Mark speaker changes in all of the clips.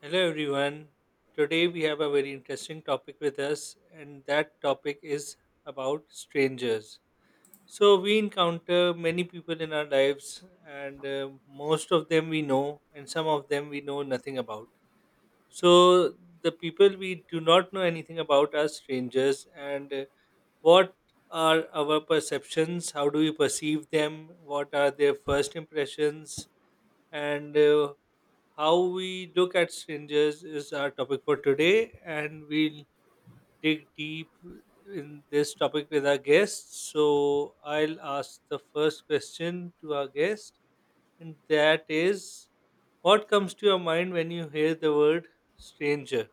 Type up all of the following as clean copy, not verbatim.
Speaker 1: Hello, everyone. Today we have a very interesting topic with us, and that topic is about strangers. So, we encounter many people in our lives, and most of them we know, and some of them we know nothing about. So, the people we do not know anything about are strangers, and what are our perceptions? How do we perceive them? What are their first impressions? And How we look at strangers is our topic for today, and we'll dig deep in this topic with our guests. So, I'll ask the first question to our guest, and that is what comes to your mind when you hear the word stranger?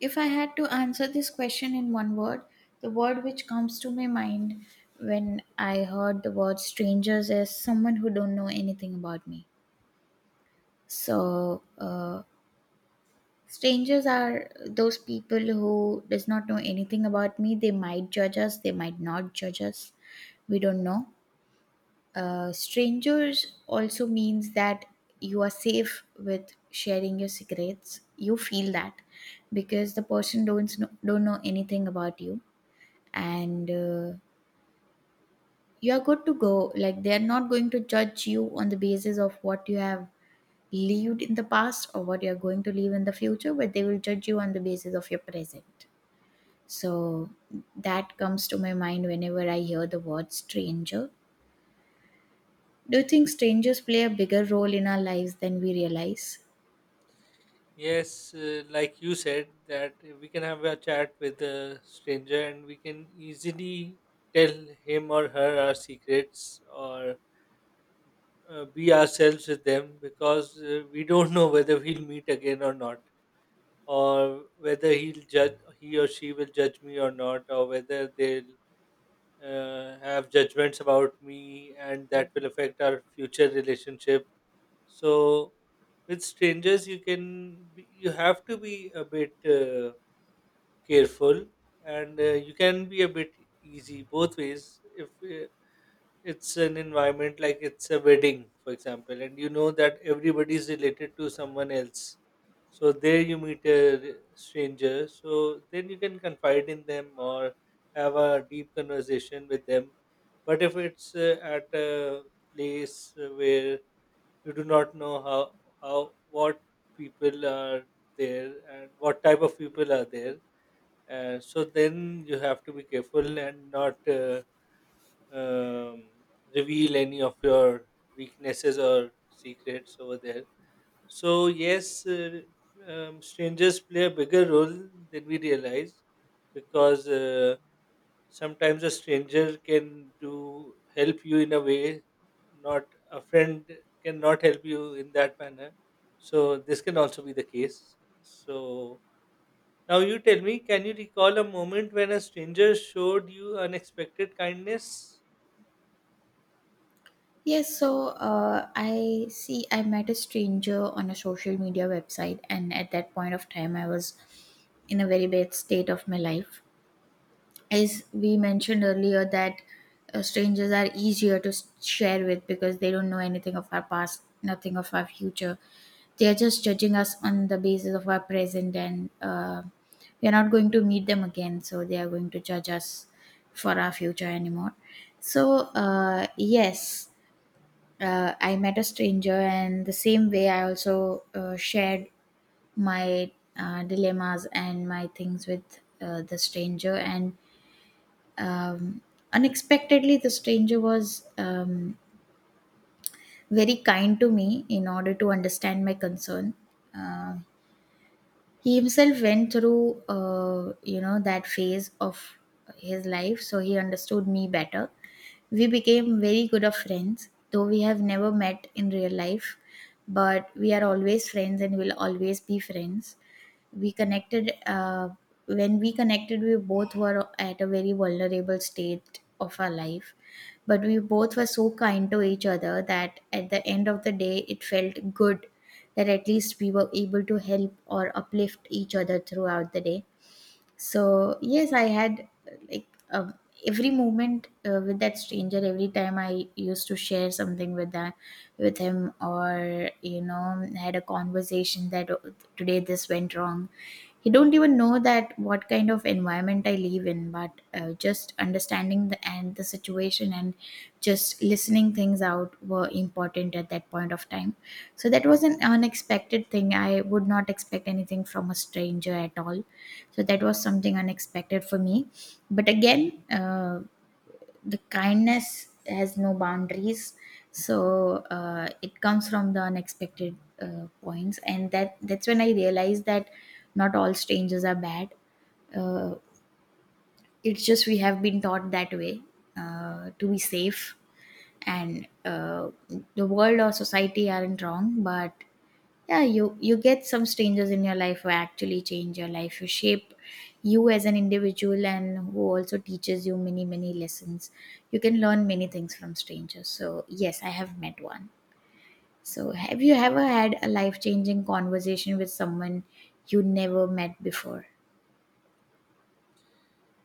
Speaker 2: If I had to answer this question in one word, the word which comes to my mind when I heard the word strangers is someone who don't know anything about me. So, uh, Strangers are those people who does not know anything about me. They might judge us, they might not judge us. We don't know. Strangers also means that you are safe with sharing your secrets. You feel that because the person don't know anything about you and you are good to go, like they are not going to judge you on the basis of what you have lived in the past or what you are going to live in the future, but they will judge you on the basis of your present. So that comes to my mind whenever I hear the word stranger. Do you think strangers play a bigger role in our lives than we realize?
Speaker 1: Yes, like you said, that we can have a chat with a stranger and we can easily tell him or her our secrets, or be ourselves with them, because we don't know whether we'll meet again or not, or whether he'll judge, he or she will judge me or not, or whether they'll have judgments about me, and that will affect our future relationship. So, with strangers you can be, you have to be a bit careful, and you can be a bit easy both ways if it's an environment like it's a wedding, for example, and you know that everybody is related to someone else. So there you meet a stranger, so then you can confide in them or have a deep conversation with them. But if it's at a place where you do not know how what people are there and what type of people are there, so then you have to be careful and not. Um, Reveal any of your weaknesses or secrets over there. So, yes, strangers play a bigger role than we realize, because sometimes a stranger can do help you in a way not a friend cannot help you in that manner. So, this can also be the case. So, now you tell me, can you recall a moment when a stranger showed you unexpected kindness?
Speaker 2: Yes, I see, I met a stranger on a social media website, and at that point of time, I was in a very bad state of my life. As we mentioned earlier that strangers are easier to share with because they don't know anything of our past, nothing of our future. They are just judging us on the basis of our present, and we are not going to meet them again, so they are going to judge us for our future anymore. So yes, I met a stranger, and the same way I also shared my dilemmas and my things with the stranger, and um, unexpectedly, the stranger was very kind to me in order to understand my concern. Uh, he himself went through, that phase of his life, so he understood me better. We became very good of friends, though we have never met in real life, but we are always friends and will always be friends. We connected when we connected, we both were at a very vulnerable state of our life, but we both were so kind to each other that at the end of the day it felt good that at least we were able to help or uplift each other throughout the day. So yes i had uh, like uh, every moment with that stranger, every time I used to share something with that, with him, or you know, had a conversation that, "Oh, today this went wrong," he don't even know that what kind of environment I live in, but just understanding the and the situation and just listening things out were important at that point of time. So that was an unexpected thing. I would not expect anything from a stranger at all, so that was something unexpected for me. But again, the kindness has no boundaries. So it comes from the unexpected points, and that's when I realized that not all strangers are bad. Uh, it's just we have been taught that way, to be safe, and the world or society aren't wrong, but yeah, you get some strangers in your life who actually change your life, who shape you as an individual, and who also teaches you many many lessons. You can learn many things from strangers, so yes, I have met one. So have you ever had a life changing conversation with someone you never met before?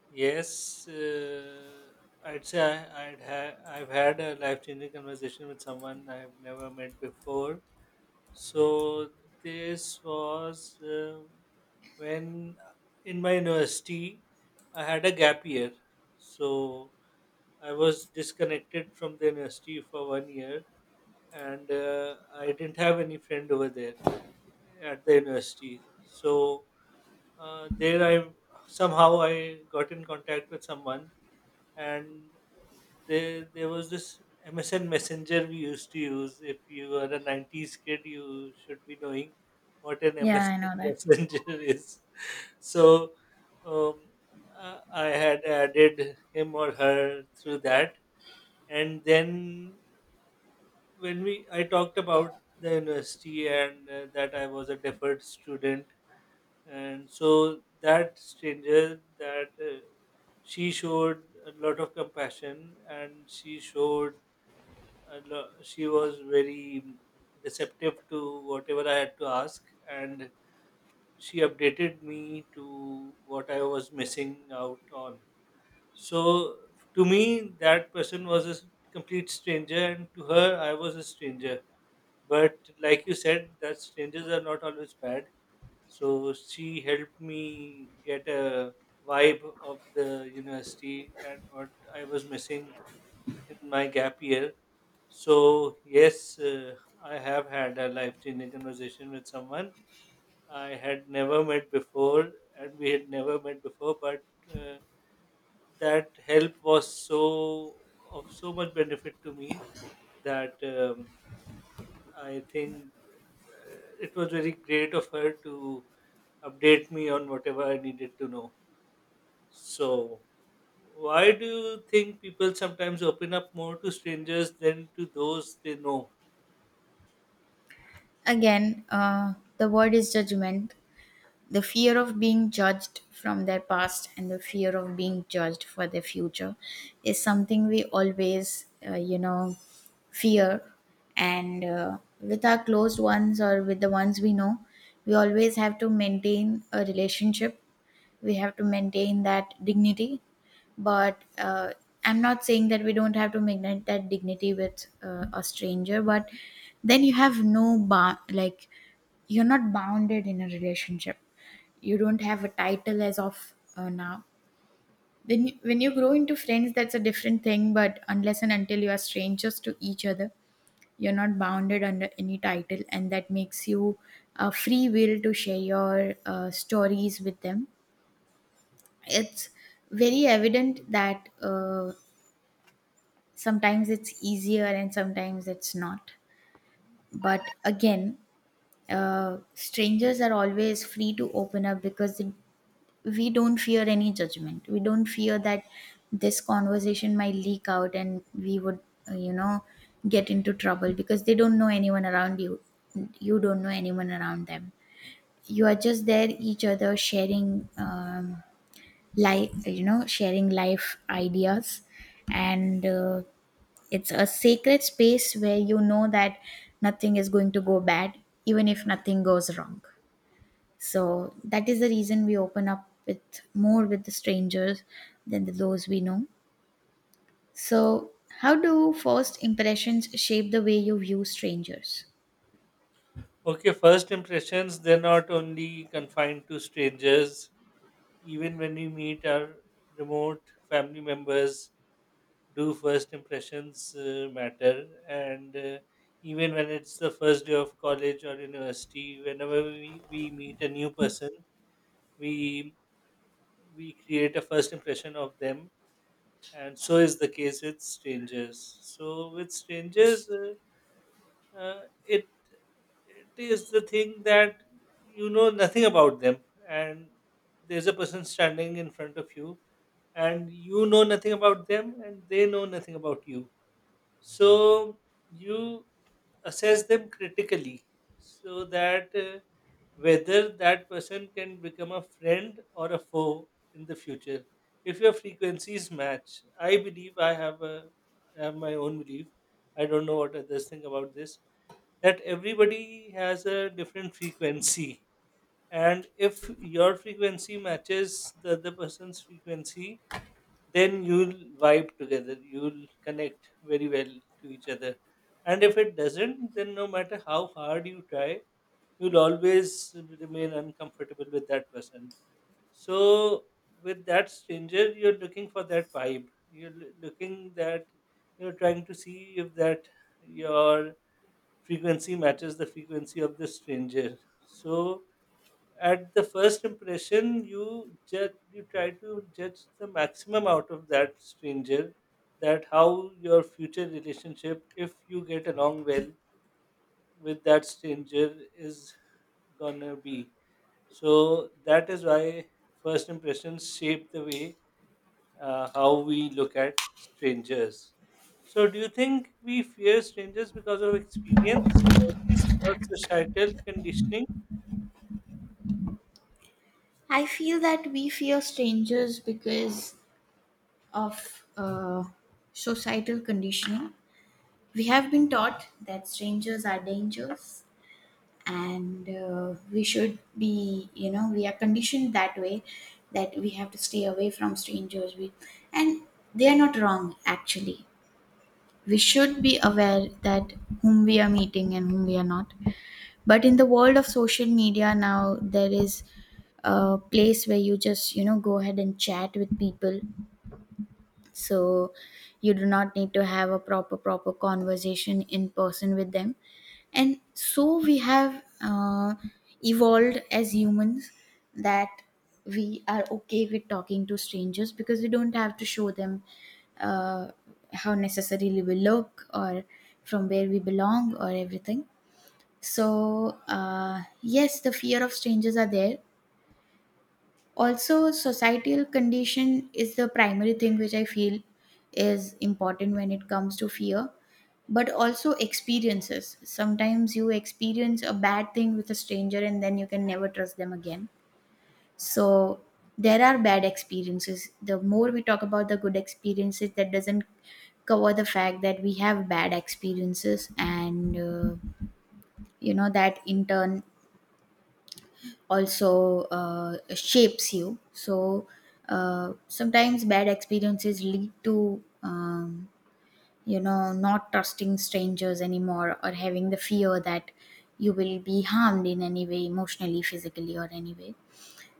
Speaker 1: Yes, I'd say, I've had a life changing conversation with someone I've never met before. So, this was when in my university I had a gap year. So, I was disconnected from the university for 1 year, and I didn't have any friend over there at the university. So, there I somehow I got in contact with someone, and there was this MSN Messenger we used to use. If you are a '90s kid, you should be knowing what an
Speaker 2: Yeah, I
Speaker 1: MSN
Speaker 2: know that.
Speaker 1: Messenger is. So, um, I had added him or her through that, and then when we I talked about the university and that I was a deferred student, and so that stranger, that she showed a lot of compassion, and she showed, she was very receptive to whatever I had to ask, and she updated me to what I was missing out on. So, to me, that person was a complete stranger, and to her, I was a stranger. But, like you said, that strangers are not always bad. So, she helped me get a vibe of the university and what I was missing in my gap year. So, yes, I have had a life changing conversation with someone I had never met before, and we had never met before, but uh, that help was so of so much benefit to me that I think it was very great of her to update me on whatever I needed to know. So, why do you think people sometimes open up more to strangers than to those they know?
Speaker 2: Again, the word is judgment. The fear of being judged from their past and the fear of being judged for their future is something we always fear. And with our closed ones or with the ones we know, we always have to maintain a relationship. We have to maintain that dignity, but I'm not saying that we don't have to maintain that dignity with a stranger, but then you have no bound. Like, you're not bounded in a relationship. You don't have a title as of now. When you grow into friends, that's a different thing, but unless and until you are strangers to each other, you're not bounded under any title, and that makes you a free will to share your stories with them. It's very evident that sometimes it's easier and sometimes it's not. But again, strangers are always free to open up because we don't fear any judgment. We don't fear that this conversation might leak out and we would, uh, you know, get into trouble because they don't know anyone around you. You don't know anyone around them. You are just there, each other sharing. Like, you know, sharing life ideas, and it's a sacred space where you know that nothing is going to go bad, even if nothing goes wrong. So that is the reason we open up with, more, with the strangers than the, those we know. So how do first impressions shape the way you view strangers?
Speaker 1: Okay, first impressions, they're not only confined to strangers. Even when we meet our remote family members, do first impressions matter? And even when it's the first day of college or university, whenever we meet a new person, we we create a first impression of them. And so is the case with strangers. So with strangers, uh, it it is the thing that you know nothing about them, and there's a person standing in front of you, and you know nothing about them and they know nothing about you, so you assess them critically, so that whether that person can become a friend or a foe in the future. If your frequencies match, I believe, I have my own belief. I don't know what others think about this, that everybody has a different frequency, and if your frequency matches the other person's frequency, then you'll vibe together, you'll connect very well to each other. And if it doesn't, then no matter how hard you try, you'll always remain uncomfortable with that person. So with that stranger, you're looking for that vibe, looking that, you're trying to see if that your frequency matches the frequency of the stranger. So at the first impression, you judge, you try to judge the maximum out of that stranger, that how your future relationship, if you get along well with that stranger, is gonna be. So that is why first impressions shape the way how we look at strangers. So, do you think we fear strangers because of experience, stories, or societal conditioning?
Speaker 2: I feel that we fear strangers because of societal conditioning. We have been taught that strangers are dangerous, and we should be, you know, we are conditioned that way, that we have to stay away from strangers, we, and they are not wrong actually. We should be aware that whom we are meeting and whom we are not. But in the world of social media now, there is a place where you just, you know, go ahead and chat with people, so you do not need to have a proper proper conversation in person with them. And so we have evolved as humans that we are okay with talking to strangers because we don't have to show them uh, how necessarily we look, or from where we belong, or everything. So yes, the fear of strangers are there. Also, societal condition is the primary thing which I feel is important when it comes to fear. But also experiences, sometimes you experience a bad thing with a stranger and then you can never trust them again. So there are bad experiences. The more we talk about the good experiences, that doesn't cover the fact that we have bad experiences, and you know, that in turn also shapes you. So sometimes bad experiences lead to, you know, not trusting strangers anymore, or having the fear that you will be harmed in any way, emotionally, physically, or any way.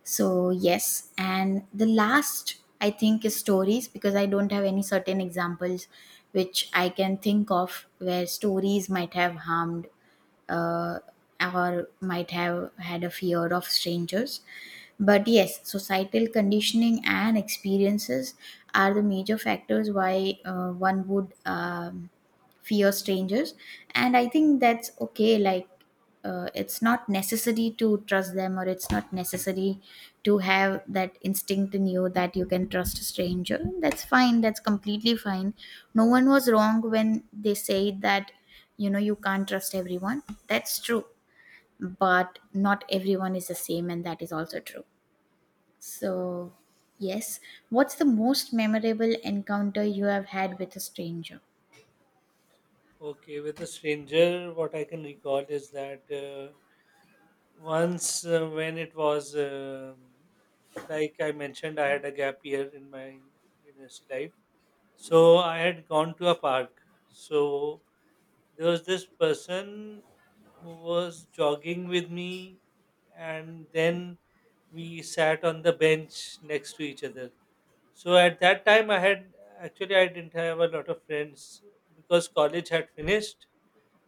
Speaker 2: So yes, and the last I think is stories, because I don't have any certain examples which I can think of where stories might have harmed, uh, or might have had a fear of strangers. But yes, societal conditioning and experiences are the major factors why one would fear strangers. And I think that's okay. Like, it's not necessary to trust them, or it's not necessary to have that instinct in you that you can trust a stranger. That's fine, that's completely fine. No one was wrong when they say that, you know, you can't trust everyone. That's true. But not everyone is the same, and that is also true. So yes, what's the most memorable encounter you have had with a stranger?
Speaker 1: Okay, with the stranger, what I can recall is that once, when it was, like I mentioned, I had a gap year in my university life. So, I had gone to a park. So, there was this person who was jogging with me, and then we sat on the bench next to each other. So at that time I had, actually I didn't have a lot of friends, because college had finished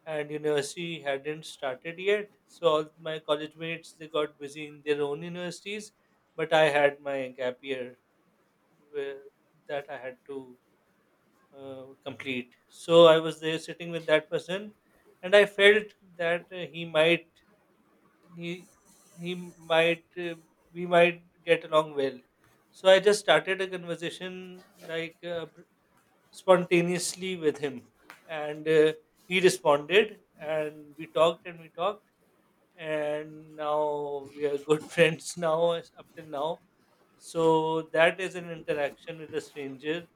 Speaker 1: and university hadn't started yet, so all my college mates, they got busy in their own universities, but I had my gap year, where- that I had to complete. So I was there sitting with that person, and I felt that he he might we might get along well. So I just started a conversation like, spontaneously with him, and he responded, and we talked and we talked, and now we are good friends now, up till now. So that is an interaction with a stranger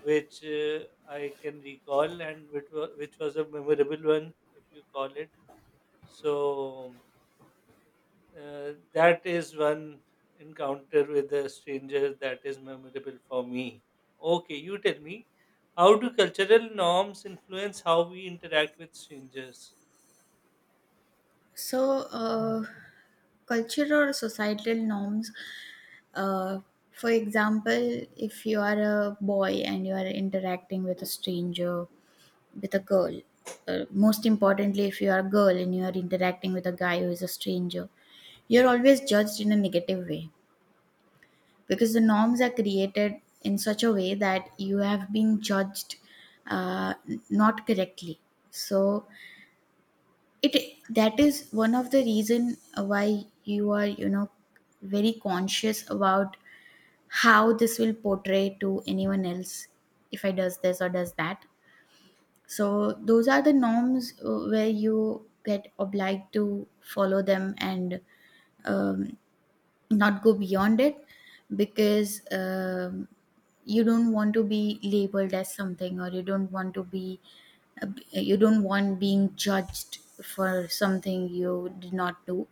Speaker 1: which I can recall and which was a memorable one, if you call it. So that is one encounter with a stranger that is memorable for me. Okay, you tell me, how do cultural norms influence how we interact with strangers?
Speaker 2: So, cultural or societal norms, uh, for example, if you are a boy and you are interacting with a stranger, with a girl, most importantly, if you are a girl and you are interacting with a guy who is a stranger, you're always judged in a negative way, because the norms are created in such a way that you have been judged not correctly. So, it, that is one of the reason why you are, you know, very conscious about how this will portray to anyone else, if I does this or does that. So those are the norms where you get obliged to follow them, and um, not go beyond it, because you don't want to be labeled as something, or you don't want to be, uh, you don't want being judged for something you did not do.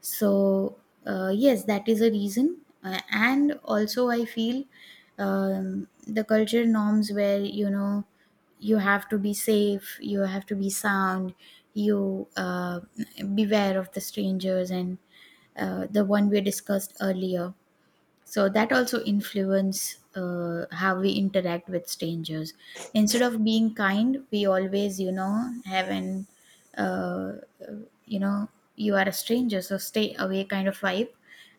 Speaker 2: So yes, that is a reason. And also I feel, the culture norms where, you know, you have to be safe, you have to be sound, you beware of the strangers, and the one we discussed earlier. So that also influence how we interact with strangers. Instead of being kind, we always, you know, have an, uh, you know, you are a stranger, so stay away kind of vibe.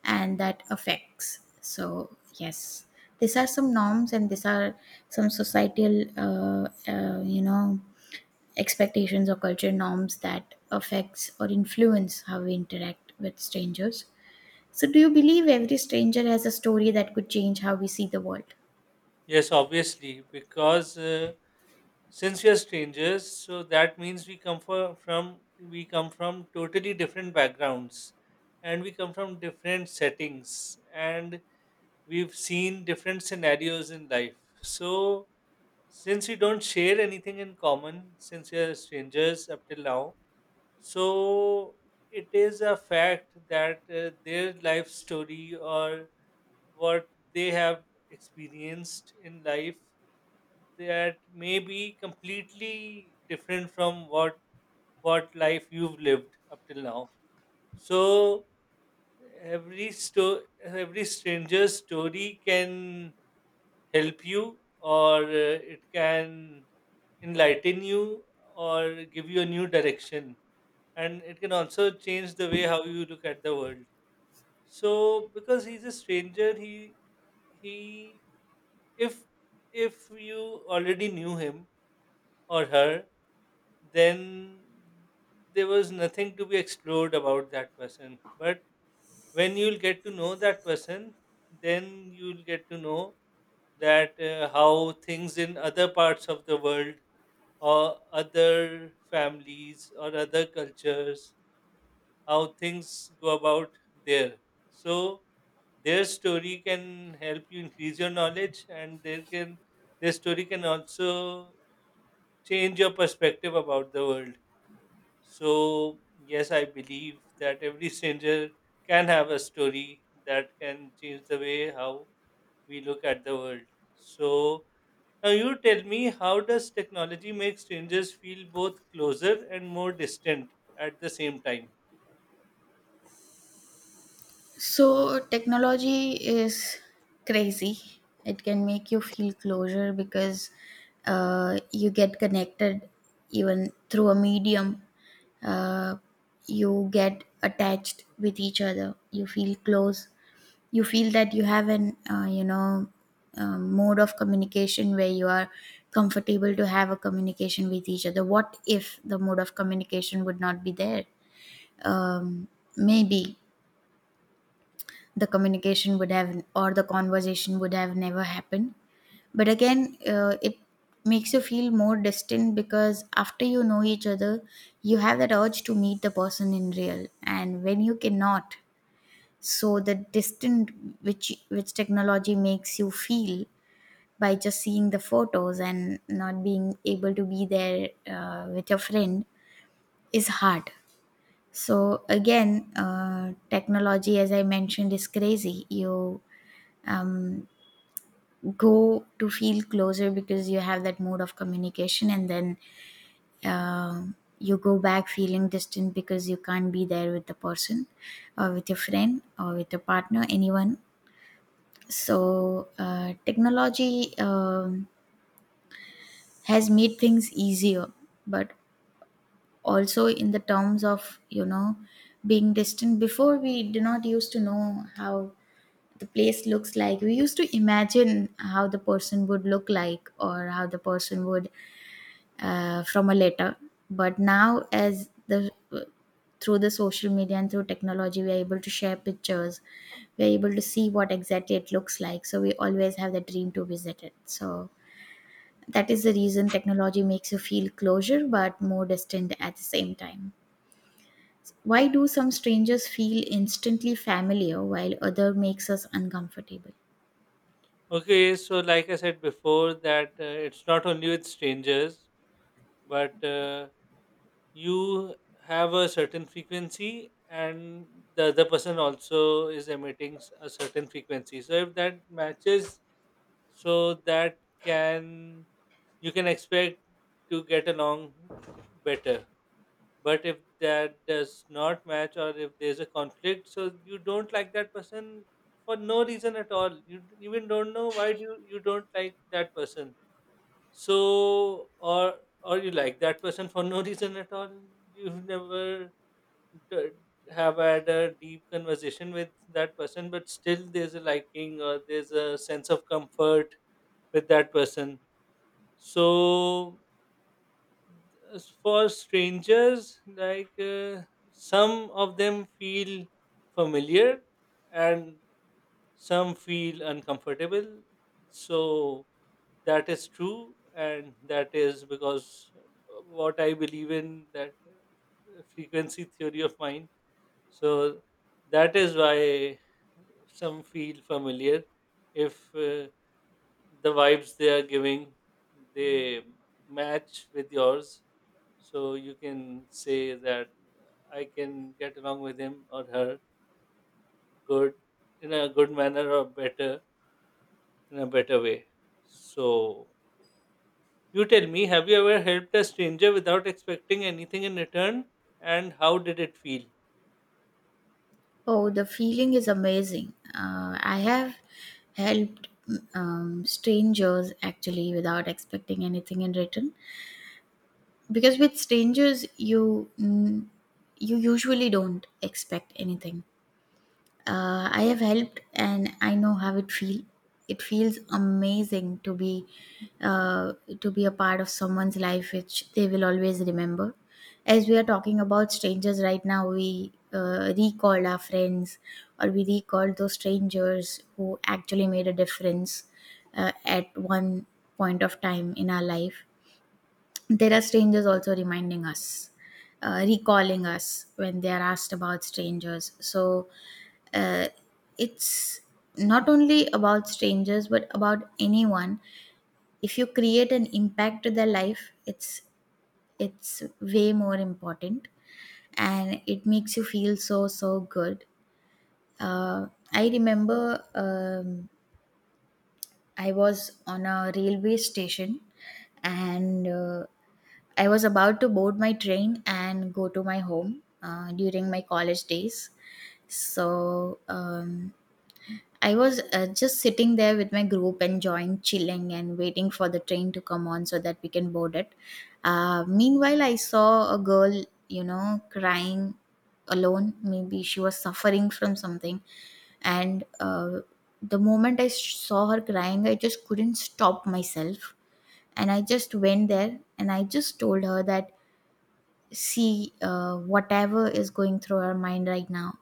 Speaker 2: And that affects. So yes, these are some norms, and these are some societal you know, expectations, or culture norms that affects or influence how we interact with strangers. So, do you believe every stranger has a story that could change how we see the world?
Speaker 1: Yes, obviously, because since we are strangers, so that means we come from totally different backgrounds, and we come from different settings, and we've seen different scenarios in life. So since we don't share anything in common, since we are strangers up till now, so it is a fact that their life story, or what they have experienced in life, that may be completely different from what life you've lived up till now. So, every stranger's story can help you, or it can enlighten you, or give you a new direction, and it can also change the way how you look at the world. So because he's a stranger, he if if you already knew him or her, then there was nothing to be explored about that person. But when you'll get to know that person, then you'll get to know that, how things in other parts of the world, or other families or other cultures, how things go about there. So their story can help you increase your knowledge, and their story can also change your perspective about the world. So, yes, I believe that every stranger can have a story that can change the way how we look at the world. So, now you tell me, how does technology make strangers feel both closer and more distant at the same time?
Speaker 2: So, technology is crazy. It can make you feel closure because you get connected even through a medium. Uh, you get attached with each other. You feel close, you feel that you have an mode of communication where you are comfortable to have a communication with each other. What if the mode of communication would not be there, um, maybe the communication would have, or the conversation would have never happened. But again, it makes you feel more distant because after you know each other, you have that urge to meet the person in real, and when you cannot, so the distant which technology makes you feel by just seeing the photos and not being able to be there with your friend is hard. So again, technology, as I mentioned, is crazy. You um, go to feel closer because you have that mode of communication, and then you go back feeling distant because you can't be there with the person or with your friend or with your partner, anyone. So, technology has made things easier, but also in the terms of, you know, being distant. Before, we did not used to know how the place looks like. We used to imagine how the person would look like, or how the person would from a letter. But now, as the through the social media and through technology, we are able to share pictures. We are able to see what exactly it looks like. So we always have the dream to visit it. So that is the reason technology makes you feel closer but more distant at the same time. Why do some strangers feel instantly familiar while other makes us uncomfortable?
Speaker 1: Okay, so like I said before, that it's not only with strangers, but you have a certain frequency, and the other person also is emitting a certain frequency, so if that matches, so that can, you can expect to get along better. But if that does not match, or if there's a conflict, so you don't like that person for no reason at all, you even don't know why you don't like that person. So, or you like that person for no reason at all. You've never d- have had a deep conversation with that person, but still there's a liking, or there's a sense of comfort with that person. So, as for strangers, like, some of them feel familiar and some feel uncomfortable. So, that is true, and that is because what I believe in, that frequency theory of mine. So that is why some feel familiar, if the vibes they are giving, they match with yours. So you can say that I can get along with him or her good, in a good manner, or better, in a better way. So, you tell me, have you ever helped a stranger without expecting anything in return? And how did it feel?
Speaker 2: Oh, the feeling is amazing. I have helped strangers actually without expecting anything in return, because with strangers you you usually don't expect anything. I have helped and I know how it feel. It feels amazing uh, to be a part of someone's life, which they will always remember. As we are talking about strangers right now, we recall our friends, or we recall those strangers who actually made a difference at one point of time in our life. There are strangers also reminding us, recalling us when they are asked about strangers. So uh, it's not only about strangers but about anyone. If you create an impact to their life, it's way more important, and it makes you feel so so good. Uh, I remember. I was on a railway station and I was about to board my train and go to my home during my college days. So I was just sitting there with my group, enjoying chilling and waiting for the train to come on so that we can board it. Meanwhile, I saw a girl, you know, crying alone. Maybe she was suffering from something. And the moment saw her crying, I just couldn't stop myself. And I just went there and I just told her that, see, whatever is going through her mind right now,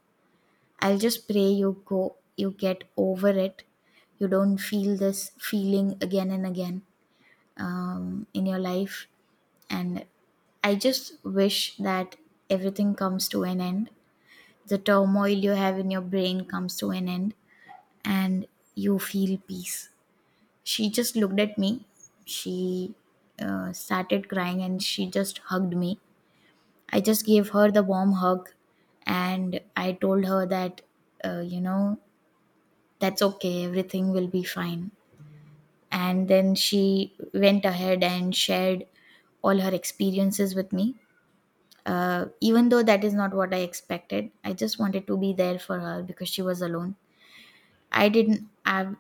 Speaker 2: I'll just pray you go, you get over it. You don't feel this feeling again and again in your life. And I just wish that everything comes to an end. The turmoil you have in your brain comes to an end, and you feel peace. She just looked at me. She started crying and she just hugged me. I just gave her the warm hug, and I told her that, you know, that's okay, everything will be fine. And then she went ahead and shared all her experiences with me. Even though that is not what I expected, I just wanted to be there for her because she was alone. I didn't have,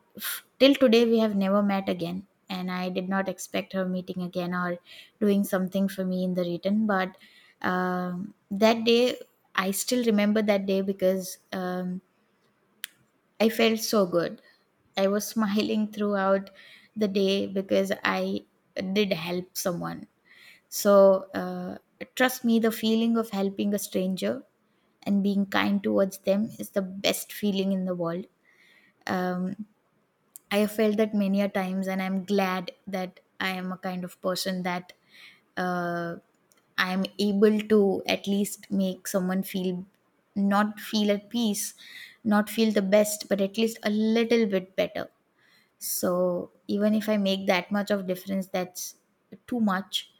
Speaker 2: till today, we have never met again. And I did not expect her meeting again or doing something for me in the return. But that day, I still remember that day because I felt so good. I was smiling throughout the day because I did help someone. So, trust me, the feeling of helping a stranger and being kind towards them is the best feeling in the world. Um, I have felt that many a times, and I'm glad that I am a kind of person that uh, I am able to at least make someone feel, not feel at peace, not feel the best, but at least a little bit better. So even if I make that much of difference, that's too much.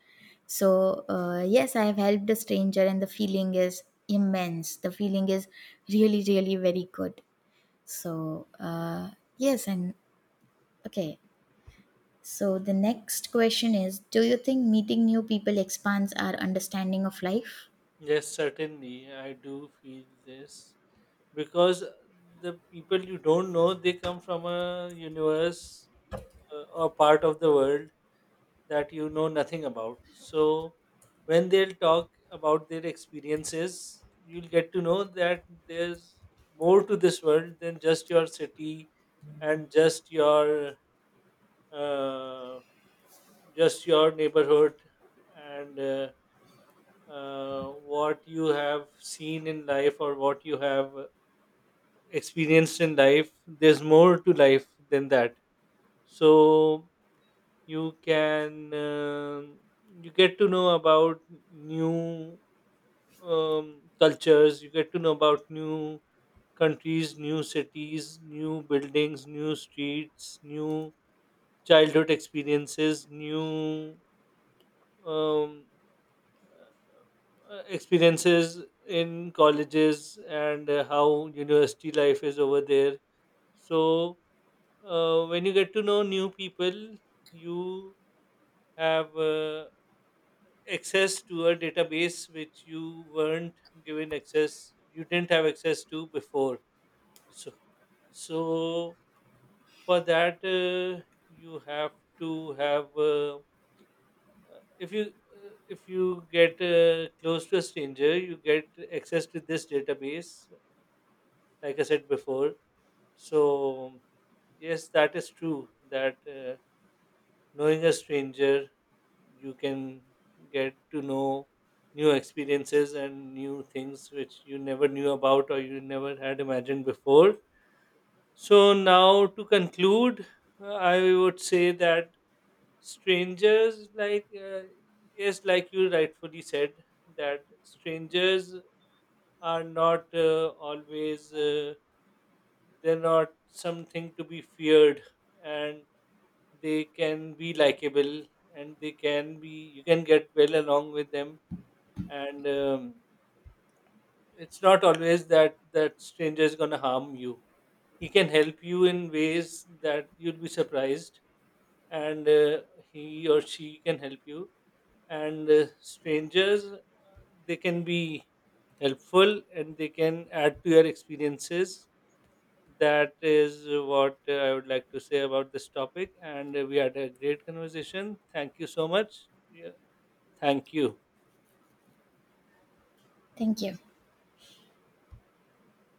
Speaker 2: So yes, I have helped a stranger, and the feeling is immense. The feeling is really, really very good. So yes, and okay. So the next question is: do you think meeting new people expands our understanding of life?
Speaker 1: Yes, certainly. I do feel this, because the people you don't know, they come from a universe, or part of the world that you know nothing about. So when they'll talk about their experiences, you'll get to know that there's more to this world than just your city and just your uh, neighborhood, and what you have seen in life, or what you have experienced in life, there's more to life than that. So you can you get to know about new cultures. You get to know about new countries, new cities, new buildings, new streets, new childhood experiences, new um, experiences in colleges, and how university life is over there. So, when you get to know new people, you have access to a database which you weren't given access, you didn't have access to before. So, so for that, you have to have. If you if you get close to a stranger, you get access to this database. Like I said before, so yes, that is true. That knowing a stranger, you can get to know new experiences and new things which you never knew about or you never had imagined before. So now to conclude, I would say that strangers, like yes, like you rightfully said, that strangers are not always, they're not something to be feared, and they can be likable, and they can be, you can get well along with them, and it's not always that that stranger is going to harm you. He can help you in ways that you'll be surprised, and he or she can help you, and strangers, they can be helpful, and they can add to your experiences. That is what I would like to say about this topic. And we had a great conversation. Thank you so much. Yeah. Thank you.
Speaker 2: Thank you.